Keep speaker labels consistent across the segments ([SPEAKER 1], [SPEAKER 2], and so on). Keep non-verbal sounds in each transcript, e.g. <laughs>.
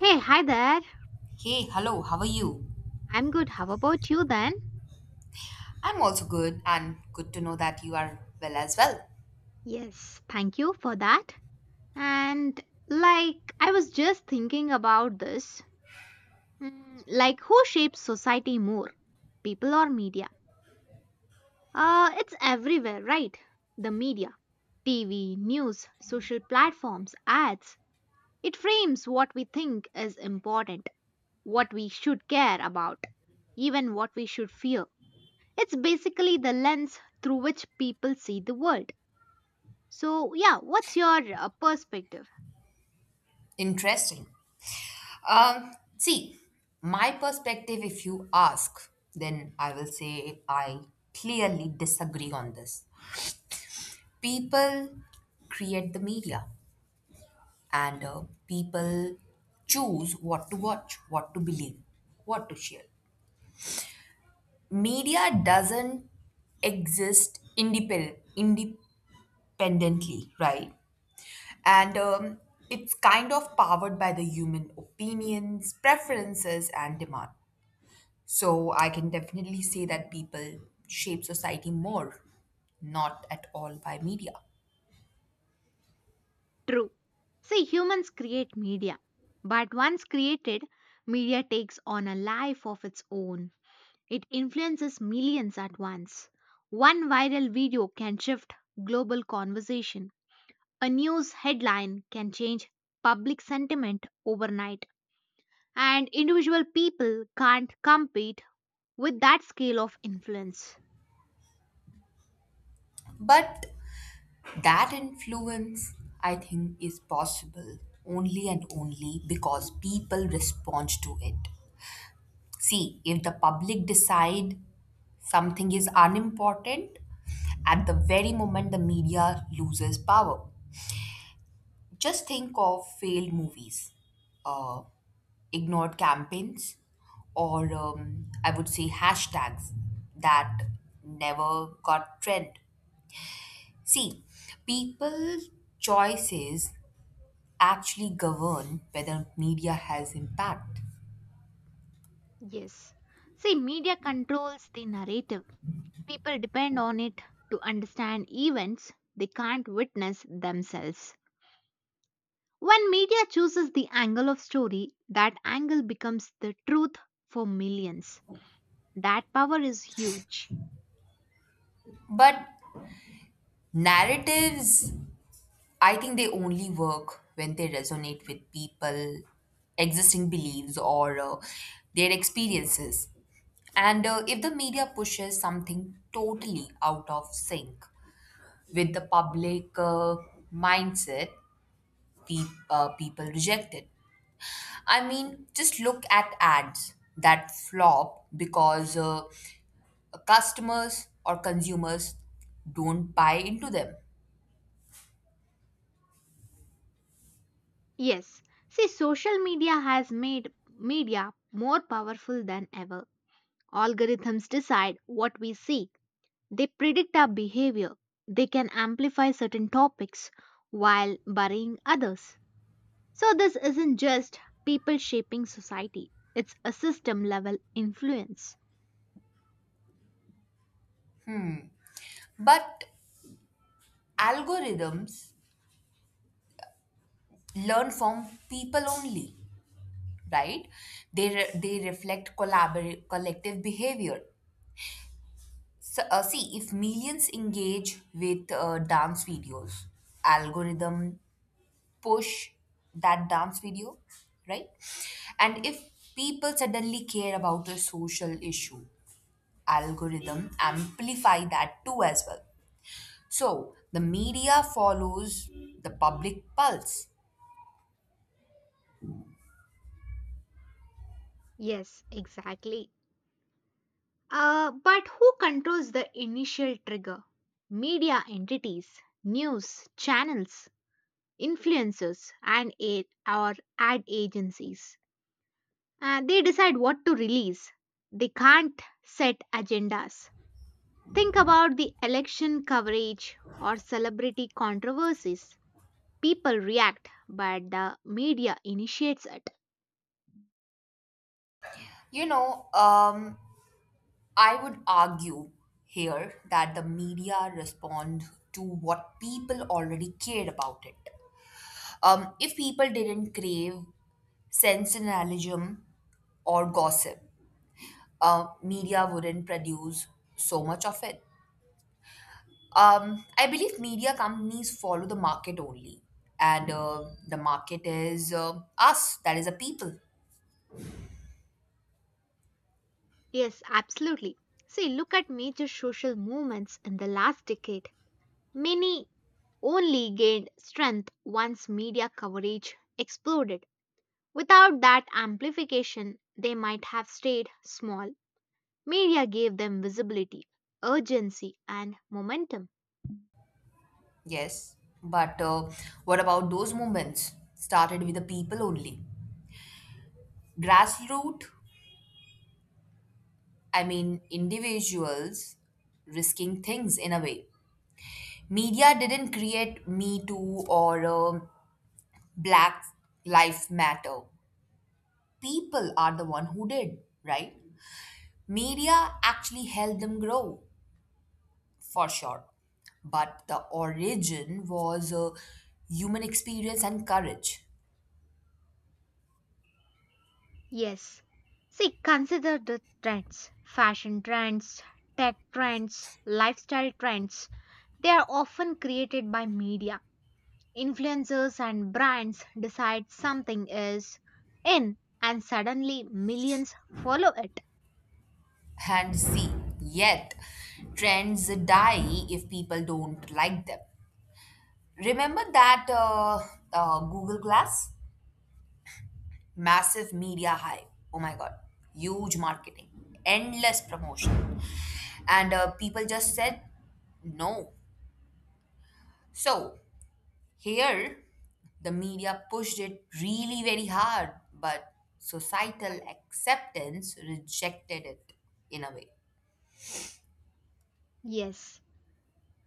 [SPEAKER 1] Hey, hi there.
[SPEAKER 2] Hey, hello, how are you?
[SPEAKER 1] I'm good. How about you then?
[SPEAKER 2] I'm also good, and good to know that you are well as well.
[SPEAKER 1] Yes, thank you for that. And I was just thinking about this. Who shapes society more? People or media? It's everywhere, right? The media, TV, news, social platforms, ads. It frames what we think is important, what we should care about, even what we should fear. It's basically the lens through which people see the world. So, yeah, what's your perspective?
[SPEAKER 2] Interesting. See, my perspective, if you ask, then I will say I clearly disagree on this. People create the media, and people choose what to watch, what to believe, what to share. Media doesn't exist independ- independently, right? And it's kind of powered by the human opinions, preferences, and demand. So I can definitely say that people shape society more, not at all by media.
[SPEAKER 1] True. See, humans create media, but once created, media takes on a life of its own. It influences millions at once. One viral video can shift global conversation. A news headline can change public sentiment overnight, and individual people can't compete with that scale of influence.
[SPEAKER 2] But that influence, I think, is possible only and only because people respond to it. See, if the public decide something is unimportant, at the very moment the media loses power. Just think of failed movies, uh, ignored campaigns, or I would say hashtags that never got trend. See, people choices actually govern whether media has impact.
[SPEAKER 1] Yes. See, media controls the narrative. People depend on it to understand events they can't witness themselves. When media chooses the angle of story, that angle becomes the truth for millions. That power is huge.
[SPEAKER 2] But narratives, I think they only work when they resonate with people, existing beliefs, or their experiences. And if the media pushes something totally out of sync with the public mindset, pe- people reject it. I mean, just look at ads that flop because customers or consumers don't buy into them.
[SPEAKER 1] Yes, see, social media has made media more powerful than ever. Algorithms decide what we see, they predict our behavior, they can amplify certain topics while burying others. So, this isn't just people shaping society, it's a system level influence.
[SPEAKER 2] But algorithms learn from people only, right? They reflect collective behavior. So see, if millions engage with dance videos, algorithm push that dance video, right? And if people suddenly care about a social issue, algorithm amplify that too as well. So the media follows the public pulse.
[SPEAKER 1] Yes, exactly. But who controls the initial trigger? Media entities, news channels, influencers, and aid or ad agencies. They decide what to release. They can't set agendas. Think about the election coverage or celebrity controversies. People react, but the media initiates it.
[SPEAKER 2] you know um I would argue here that the media respond to what people already cared about it. If people didn't crave sensationalism or gossip, media wouldn't produce so much of it. I believe media companies follow the market only, and the market is us, that is the people.
[SPEAKER 1] Yes, absolutely. See, look at major social movements in the last decade. Many only gained strength once media coverage exploded. Without that amplification, they might have stayed small. Media gave them visibility, urgency, and momentum.
[SPEAKER 2] Yes, but what about those movements started with the people only? Grassroots, I mean, individuals risking things in a way. Media didn't create Me Too or Black Life Matter. People are the one who did, right? Media actually helped them grow, for sure. But the origin was human experience and courage.
[SPEAKER 1] Yes. See, consider the trends, fashion trends, tech trends, lifestyle trends. They are often created by media. Influencers and brands decide something is in, and suddenly millions follow it.
[SPEAKER 2] And see, yet trends die if people don't like them. Remember that Google Glass? Massive media hype, oh my god, huge marketing, endless promotion, and people just said no. So here the media pushed it really very hard, but societal acceptance rejected it in a way.
[SPEAKER 1] Yes.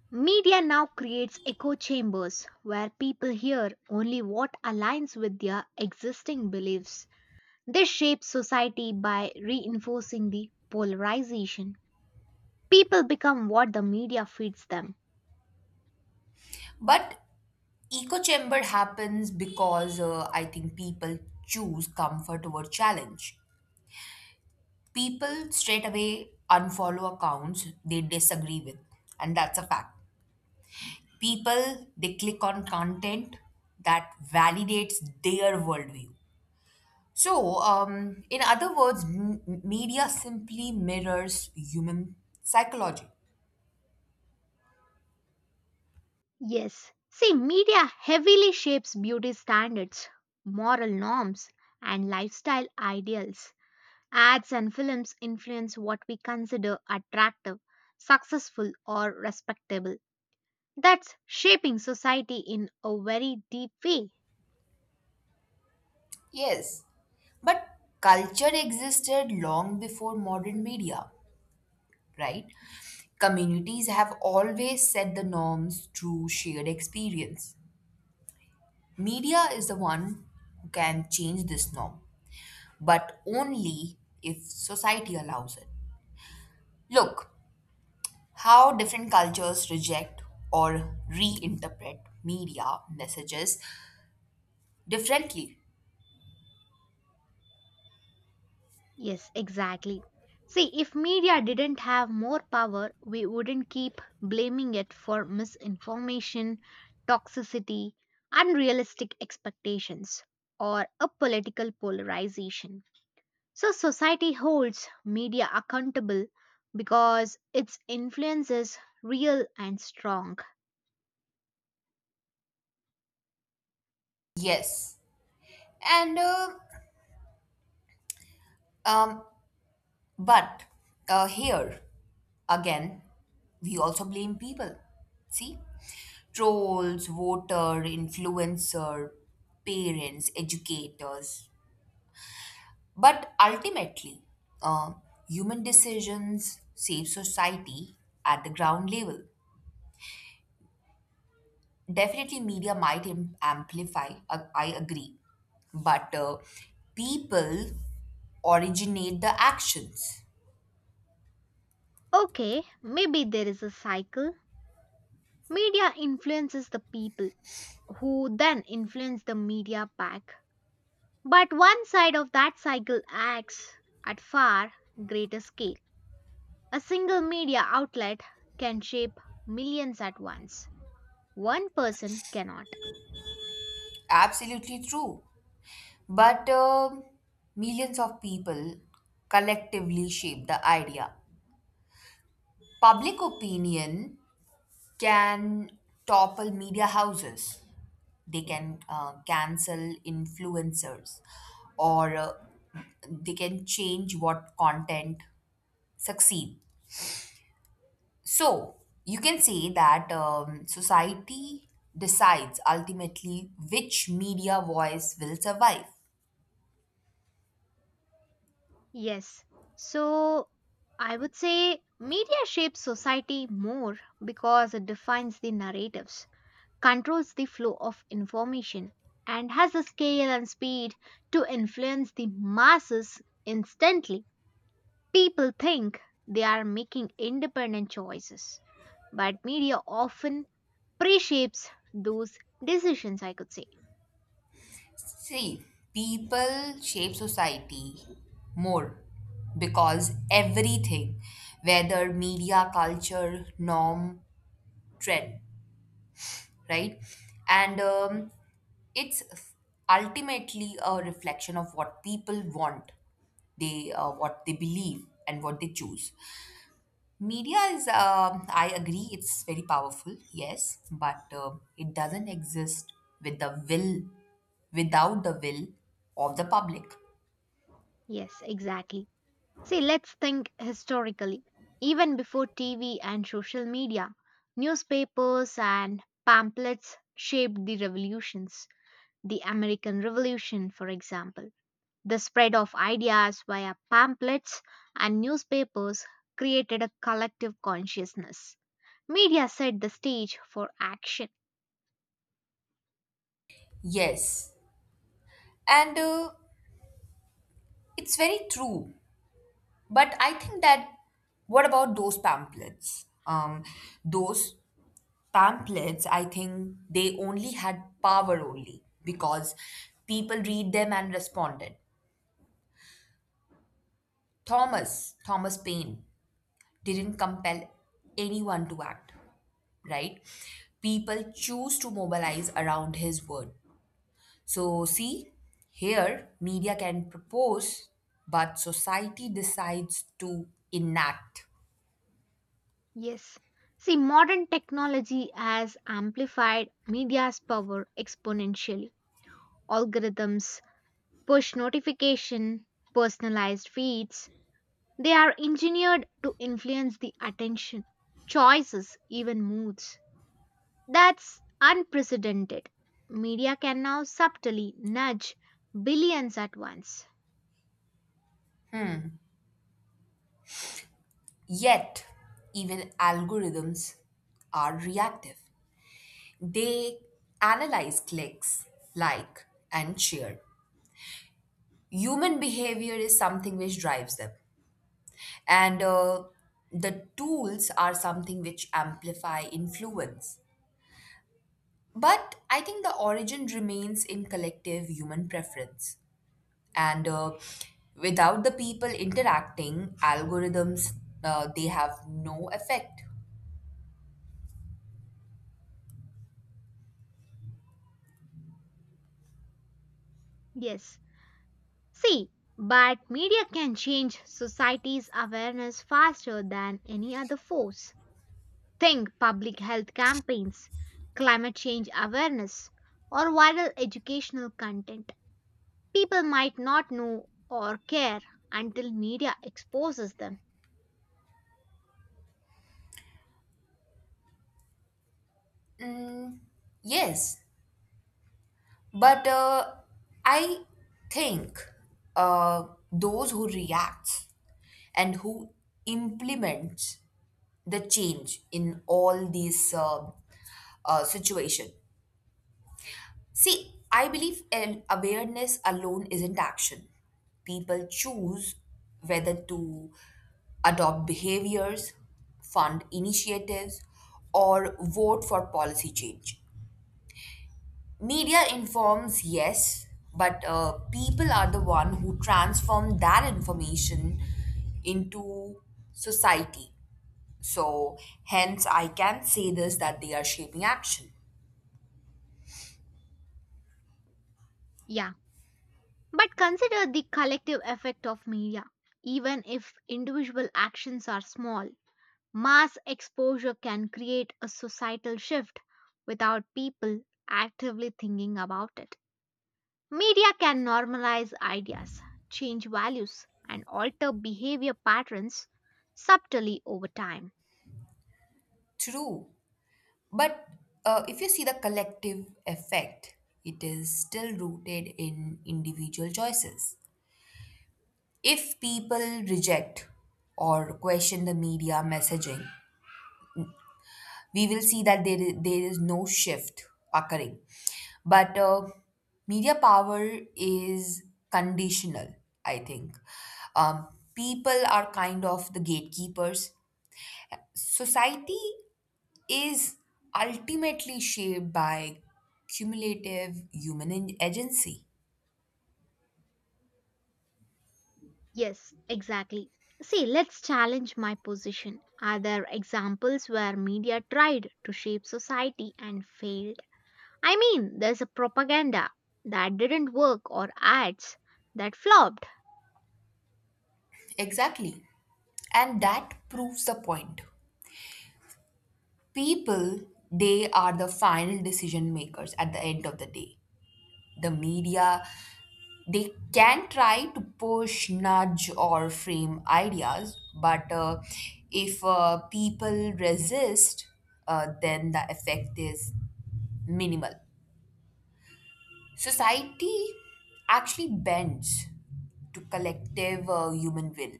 [SPEAKER 1] Media now creates echo chambers where people hear only what aligns with their existing beliefs. They shape society by reinforcing the polarization. People become what the media feeds them.
[SPEAKER 2] But echo chamber happens because I think people choose comfort over challenge. People straight away unfollow accounts they disagree with, and that's a fact. People, they click on content that validates their worldview. So in other words, media simply mirrors human psychology.
[SPEAKER 1] Yes. See, media heavily shapes beauty standards, moral norms, and lifestyle ideals. Ads and films influence what we consider attractive, successful, or respectable. That's shaping society in a very deep way.
[SPEAKER 2] Yes, but culture existed long before modern media, right? Communities have always set the norms through shared experience. Media is the one who can change this norm, but only if society allows it. Look how different cultures reject or reinterpret media messages differently.
[SPEAKER 1] Yes, exactly. See, if media didn't have more power, we wouldn't keep blaming it for misinformation, toxicity, unrealistic expectations, or a political polarization. So, society holds media accountable because its influence is real and strong.
[SPEAKER 2] Yes, and um, but here again, we also blame people. See, trolls, voter, influencer, parents, educators. But ultimately, uh, human decisions save society at the ground level. Definitely media might amplify, I agree, but people originate the actions.
[SPEAKER 1] Okay, maybe there is a cycle. Media influences the people, who then influence the media back. But one side of that cycle acts at far greater scale. A single media outlet can shape millions at once. One person cannot.
[SPEAKER 2] Absolutely true, but millions of people collectively shape the idea. Public opinion can topple media houses, they can cancel influencers, or they can change what content succeed. So you can say that society decides ultimately which media voice will survive.
[SPEAKER 1] Yes. So I would say media shapes society more because it defines the narratives, controls the flow of information, and has the scale and speed to influence the masses instantly. People think they are making independent choices, but media often pre-shapes those decisions, I could say.
[SPEAKER 2] See, people shape society more because everything, whether media, culture, norm, trend, right? And it's ultimately a reflection of what people want, they what they believe, and what they choose. Media is, I agree, it's very powerful, yes, but it doesn't exist with the will, without the will of the public.
[SPEAKER 1] Yes, exactly. See, let's think historically. Even before TV and social media, newspapers and pamphlets shaped the revolutions. The American Revolution, for example. The spread of ideas via pamphlets and newspapers created a collective consciousness. Media set the stage for action.
[SPEAKER 2] Yes, and it's very true. But I think that, what about those pamphlets? Those pamphlets, I think they only had power only because people read them and responded. Thomas Paine didn't compel anyone to act, right? People choose to mobilize around his word. So, see, here media can propose, but society decides to enact.
[SPEAKER 1] Yes. See, modern technology has amplified media's power exponentially. Algorithms, push notification, personalized feeds, they are engineered to influence the attention, choices, even moods. That's unprecedented. Media can now subtly nudge billions at once.
[SPEAKER 2] Yet, even algorithms are reactive. They analyze clicks, like, and share. Human behavior is something which drives them. And the tools are something which amplify influence. But I think the origin remains in collective human preference. And without the people interacting, algorithms, they have no effect.
[SPEAKER 1] Yes. See, but media can change society's awareness faster than any other force. Think public health campaigns, climate change awareness, or viral educational content. People might not know or care until media exposes them.
[SPEAKER 2] Yes, but I think those who react and who implements the change in all these situation. See, I believe an awareness alone isn't action. People choose whether to adopt behaviors, fund initiatives, or vote for policy change. Media informs, yes, but people are the one who transform that information into society. So, hence, I can say this that they are shaping action.
[SPEAKER 1] Yeah, but consider the collective effect of media, even if individual actions are small. Mass exposure can create a societal shift without people actively thinking about it. Media can normalize ideas, change values, and alter behavior patterns subtly over time.
[SPEAKER 2] True. But if you see the collective effect, it is still rooted in individual choices. If people reject or question the media messaging, we will see that there is no shift occurring. But media power is conditional, I think. Um, People are kind of the gatekeepers. Society is ultimately shaped by cumulative human agency.
[SPEAKER 1] Yes, exactly. See, let's challenge my position. Are there examples where media tried to shape society and failed? I mean, there's a propaganda that didn't work or ads that flopped.
[SPEAKER 2] Exactly. And that proves the point. People, they are the final decision makers at the end of the day. The media, they can try to push, nudge, or frame ideas, but if people resist, then the effect is minimal. Society actually bends to collective human will,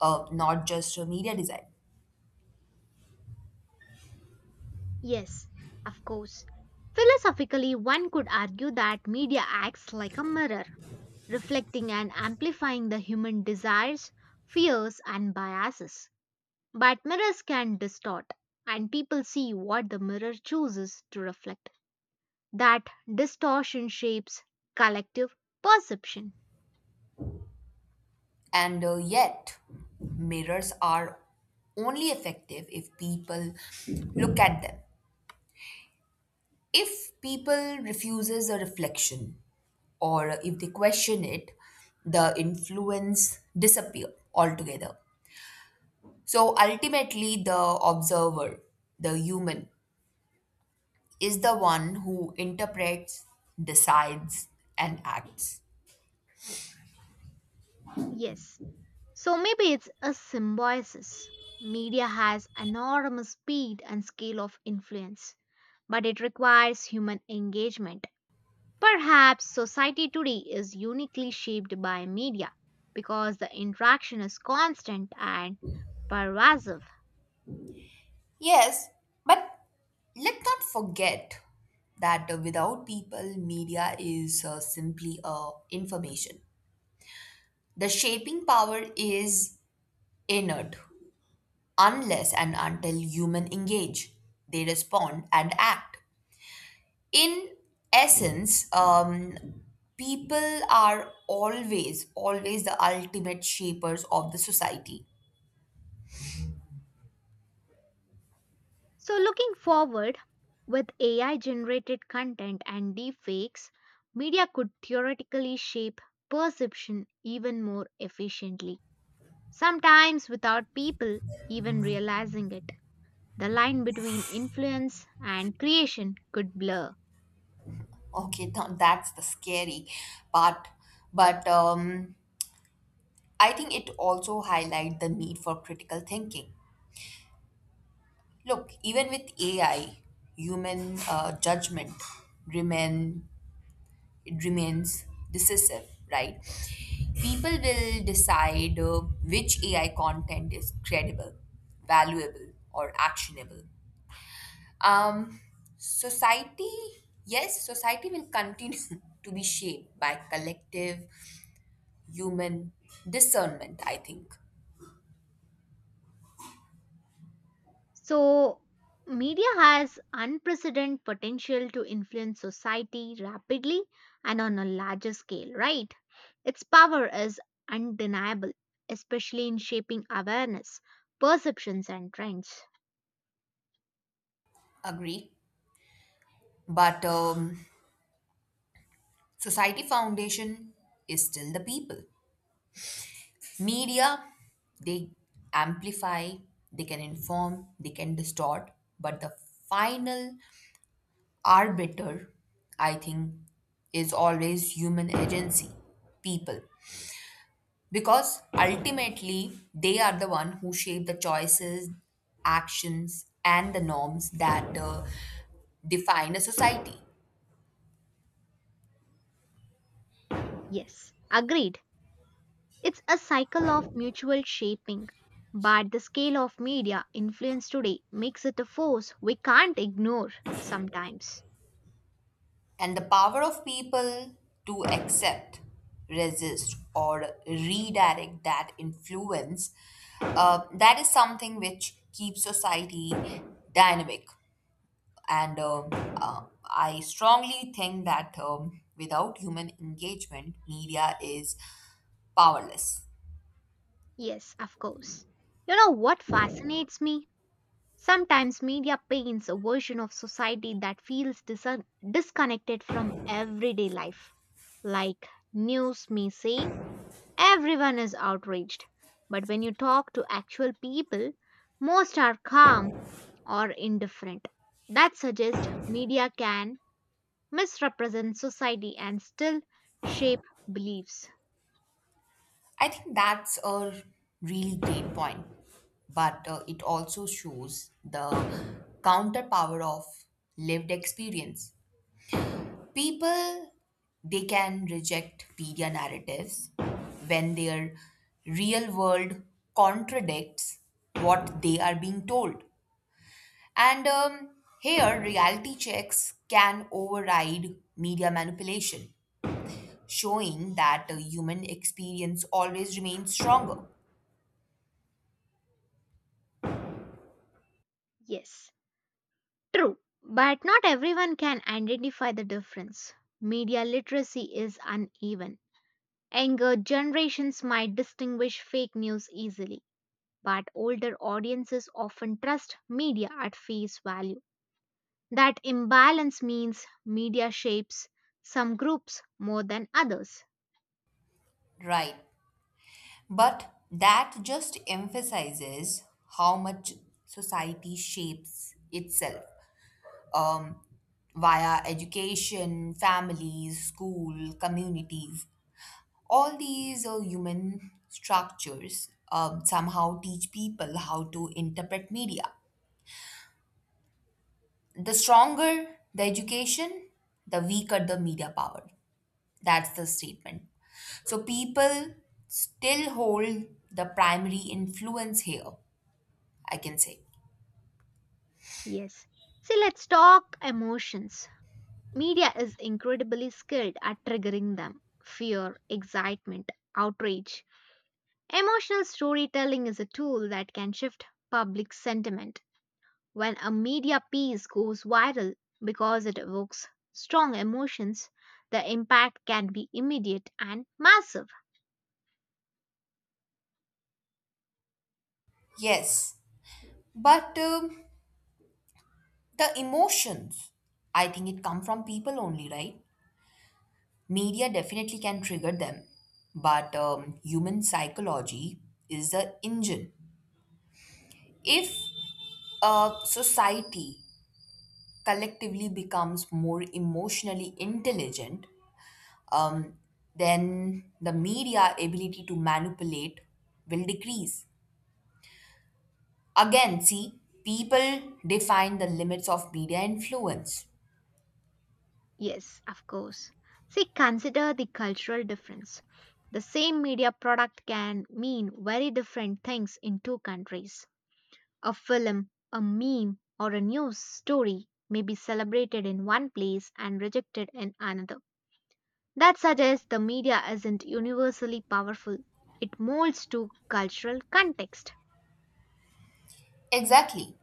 [SPEAKER 2] not just media design.
[SPEAKER 1] Yes, of course. Philosophically, one could argue that media acts like a mirror, reflecting and amplifying the human desires, fears, and biases. But mirrors can distort, and people see what the mirror chooses to reflect. That distortion shapes collective perception.
[SPEAKER 2] And yet, mirrors are only effective if people look at them. If people refuses a reflection, or if they question it, the influence disappear altogether. So ultimately, the observer, the human, is the one who interprets, decides, and acts.
[SPEAKER 1] Yes. So maybe it's a symbiosis. Media has enormous speed and scale of influence, but it requires human engagement. Perhaps society today is uniquely shaped by media because the interaction is constant and pervasive.
[SPEAKER 2] Yes, but let's not forget that without people, media is simply information. The shaping power is inert unless and until human engage, they respond and act. In essence, people are always, always the ultimate shapers of the society.
[SPEAKER 1] So, looking forward, with AI generated content and deepfakes, media could theoretically shape perception even more efficiently, sometimes without people even realizing it. The line between influence and creation could blur.
[SPEAKER 2] Okay, that's the scary part. But I think it also highlight the need for critical thinking. Look, even with AI, human judgment remain it remains decisive, right? People will decide which AI content is credible, valuable, or actionable. Um, society, yes, Society will continue <laughs> to be shaped by collective human discernment, I think.
[SPEAKER 1] So, media has unprecedented potential to influence society rapidly and on a larger scale, right? Its power is undeniable, especially in shaping awareness, perceptions, and trends.
[SPEAKER 2] Agree. But society foundation is still the people. Media, they amplify, they can inform, they can distort, but the final arbiter, I think, is always human agency, people. Because ultimately, they are the one who shape the choices, actions, and the norms that define a society.
[SPEAKER 1] Yes, agreed. It's a cycle of mutual shaping. But the scale of media influence today makes it a force we can't ignore sometimes.
[SPEAKER 2] And the power of people to accept, resist, or redirect that influence, that is something which keeps society dynamic. And uh, I strongly think that without human engagement, media is powerless.
[SPEAKER 1] Yes, of course. You know what fascinates me? Sometimes media paints a version of society that feels disconnected from everyday life. Like news may say, everyone is outraged. But when you talk to actual people, most are calm or indifferent. That suggests media can misrepresent society and still shape beliefs.
[SPEAKER 2] I think that's a really great point, but it also shows the counter power of lived experience. People, they can reject media narratives when their real world contradicts what they are being told. And here reality checks can override media manipulation, showing that a human experience always remains stronger.
[SPEAKER 1] Yes, true. But not everyone can identify the difference. Media literacy is uneven. Younger generations might distinguish fake news easily, but older audiences often trust media at face value. That imbalance means media shapes some groups more than others.
[SPEAKER 2] Right, but that just emphasizes how much society shapes itself. Um. Via education, families, school, communities. All these human structures somehow teach people how to interpret media. The stronger the education, the weaker the media power. That's the statement. So people still hold the primary influence here, I can say.
[SPEAKER 1] Yes. See, let's talk emotions. Media is incredibly skilled at triggering them, fear, excitement, outrage. Emotional storytelling is a tool that can shift public sentiment. When a media piece goes viral because it evokes strong emotions, the impact can be immediate and massive.
[SPEAKER 2] Yes, but the emotions, I think it come from people only, right? Media definitely can trigger them, but human psychology is the engine. If a society collectively becomes more emotionally intelligent, um, then the media ability to manipulate will decrease. Again, see, people define the limits of media influence.
[SPEAKER 1] Yes, of course. See, consider the cultural difference. The same media product can mean very different things in two countries. A film, a meme, or a news story may be celebrated in one place and rejected in another. That suggests the media isn't universally powerful. It molds to cultural context.
[SPEAKER 2] Exactly.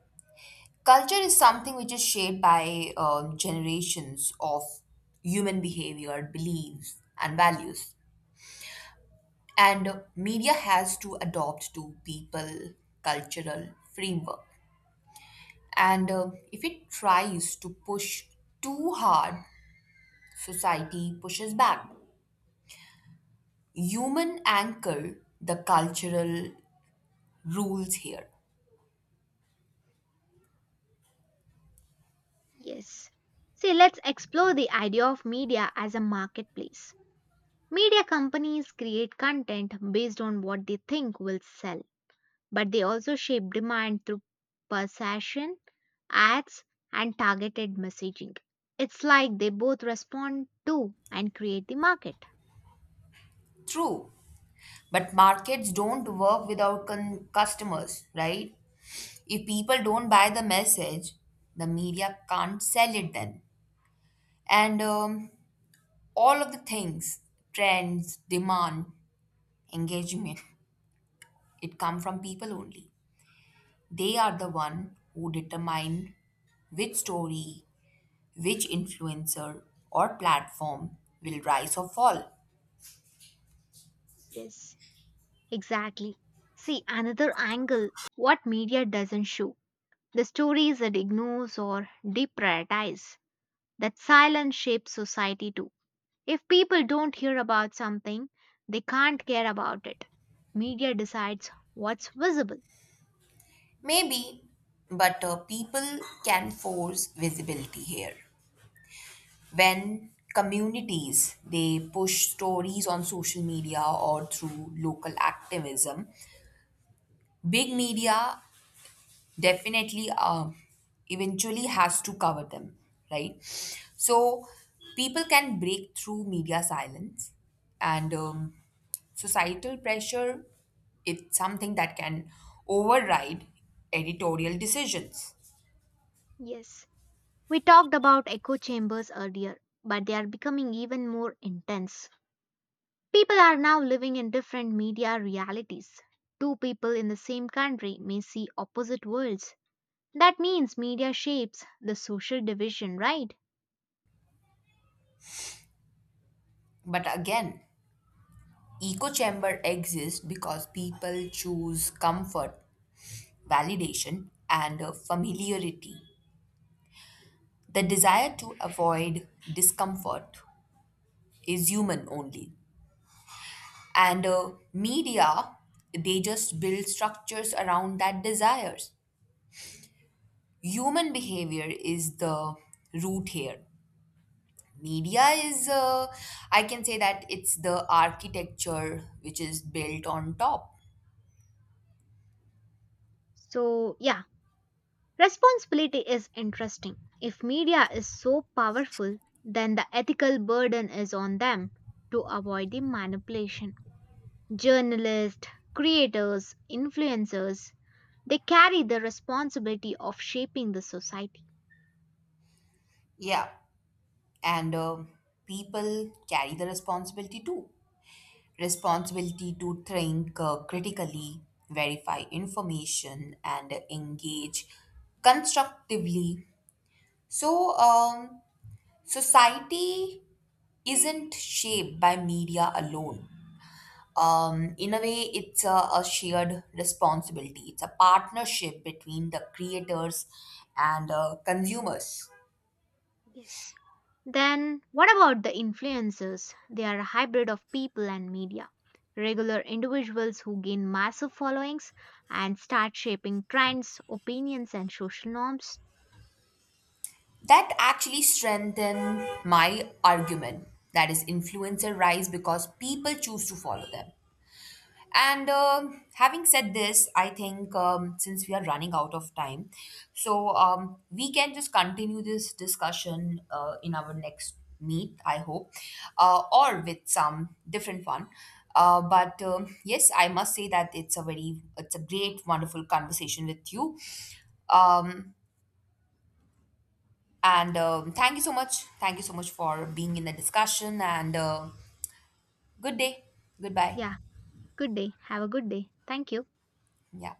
[SPEAKER 2] Culture is something which is shaped by generations of human behavior, beliefs, and values. And media has to adopt to people cultural framework. And if it tries to push too hard, society pushes back. Human anchor the cultural rules here.
[SPEAKER 1] Yes. See, let's explore the idea of media as a marketplace. Media companies create content based on what they think will sell, but they also shape demand through persuasion, ads, and targeted messaging. It's like they both respond to and create the market.
[SPEAKER 2] True, but markets don't work without customers, right? If people don't buy the message, the media can't sell it then. And all of the things, trends, demand, engagement, it come from people only. They are the one who determine which story, which influencer or platform will rise or fall.
[SPEAKER 1] Yes, exactly. See, another angle, what media doesn't show, the stories that ignores or deprioritize, that silence shapes society too. If people don't hear about something, they can't care about it. Media decides what's visible.
[SPEAKER 2] Maybe, but people can force visibility here. When communities, they push stories on social media or through local activism, big media definitely eventually has to cover them, right? So people can break through media silence, and societal pressure, it's something that can override editorial decisions.
[SPEAKER 1] Yes, we talked about echo chambers earlier, but they are becoming even more intense. People are now living in different media realities. Two people in the same country may see opposite worlds. That means media shapes the social division, right?
[SPEAKER 2] But again, echo chamber exists because people choose comfort, validation, and familiarity. The desire to avoid discomfort is human only. And media, they just build structures around that desires. Human behavior is the root here. Media is, I can say that it's the architecture which is built on top.
[SPEAKER 1] So, yeah, responsibility is interesting. If media is so powerful, then the ethical burden is on them to avoid the manipulation. Journalists, creators, influencers, they carry the responsibility of shaping the society.
[SPEAKER 2] Yeah. And people carry the responsibility too, responsibility to think critically, verify information, and engage constructively. So, society isn't shaped by media alone. In a way, it's a shared responsibility. It's a partnership between the creators and consumers.
[SPEAKER 1] Yes. Then, what about the influencers? They are a hybrid of people and media. Regular individuals who gain massive followings and start shaping trends, opinions, and social norms.
[SPEAKER 2] That actually strengthen my argument. That is, influencer rise because people choose to follow them. And having said this, I think since we are running out of time, so we can just continue this discussion in our next meet, I hope, or with some different one. But yes, I must say that it's it's a great, wonderful conversation with you. Um, and thank you so much. Thank you so much for being in the discussion. And good day. Goodbye.
[SPEAKER 1] Yeah, good day. Have a good day. Thank you.
[SPEAKER 2] Yeah.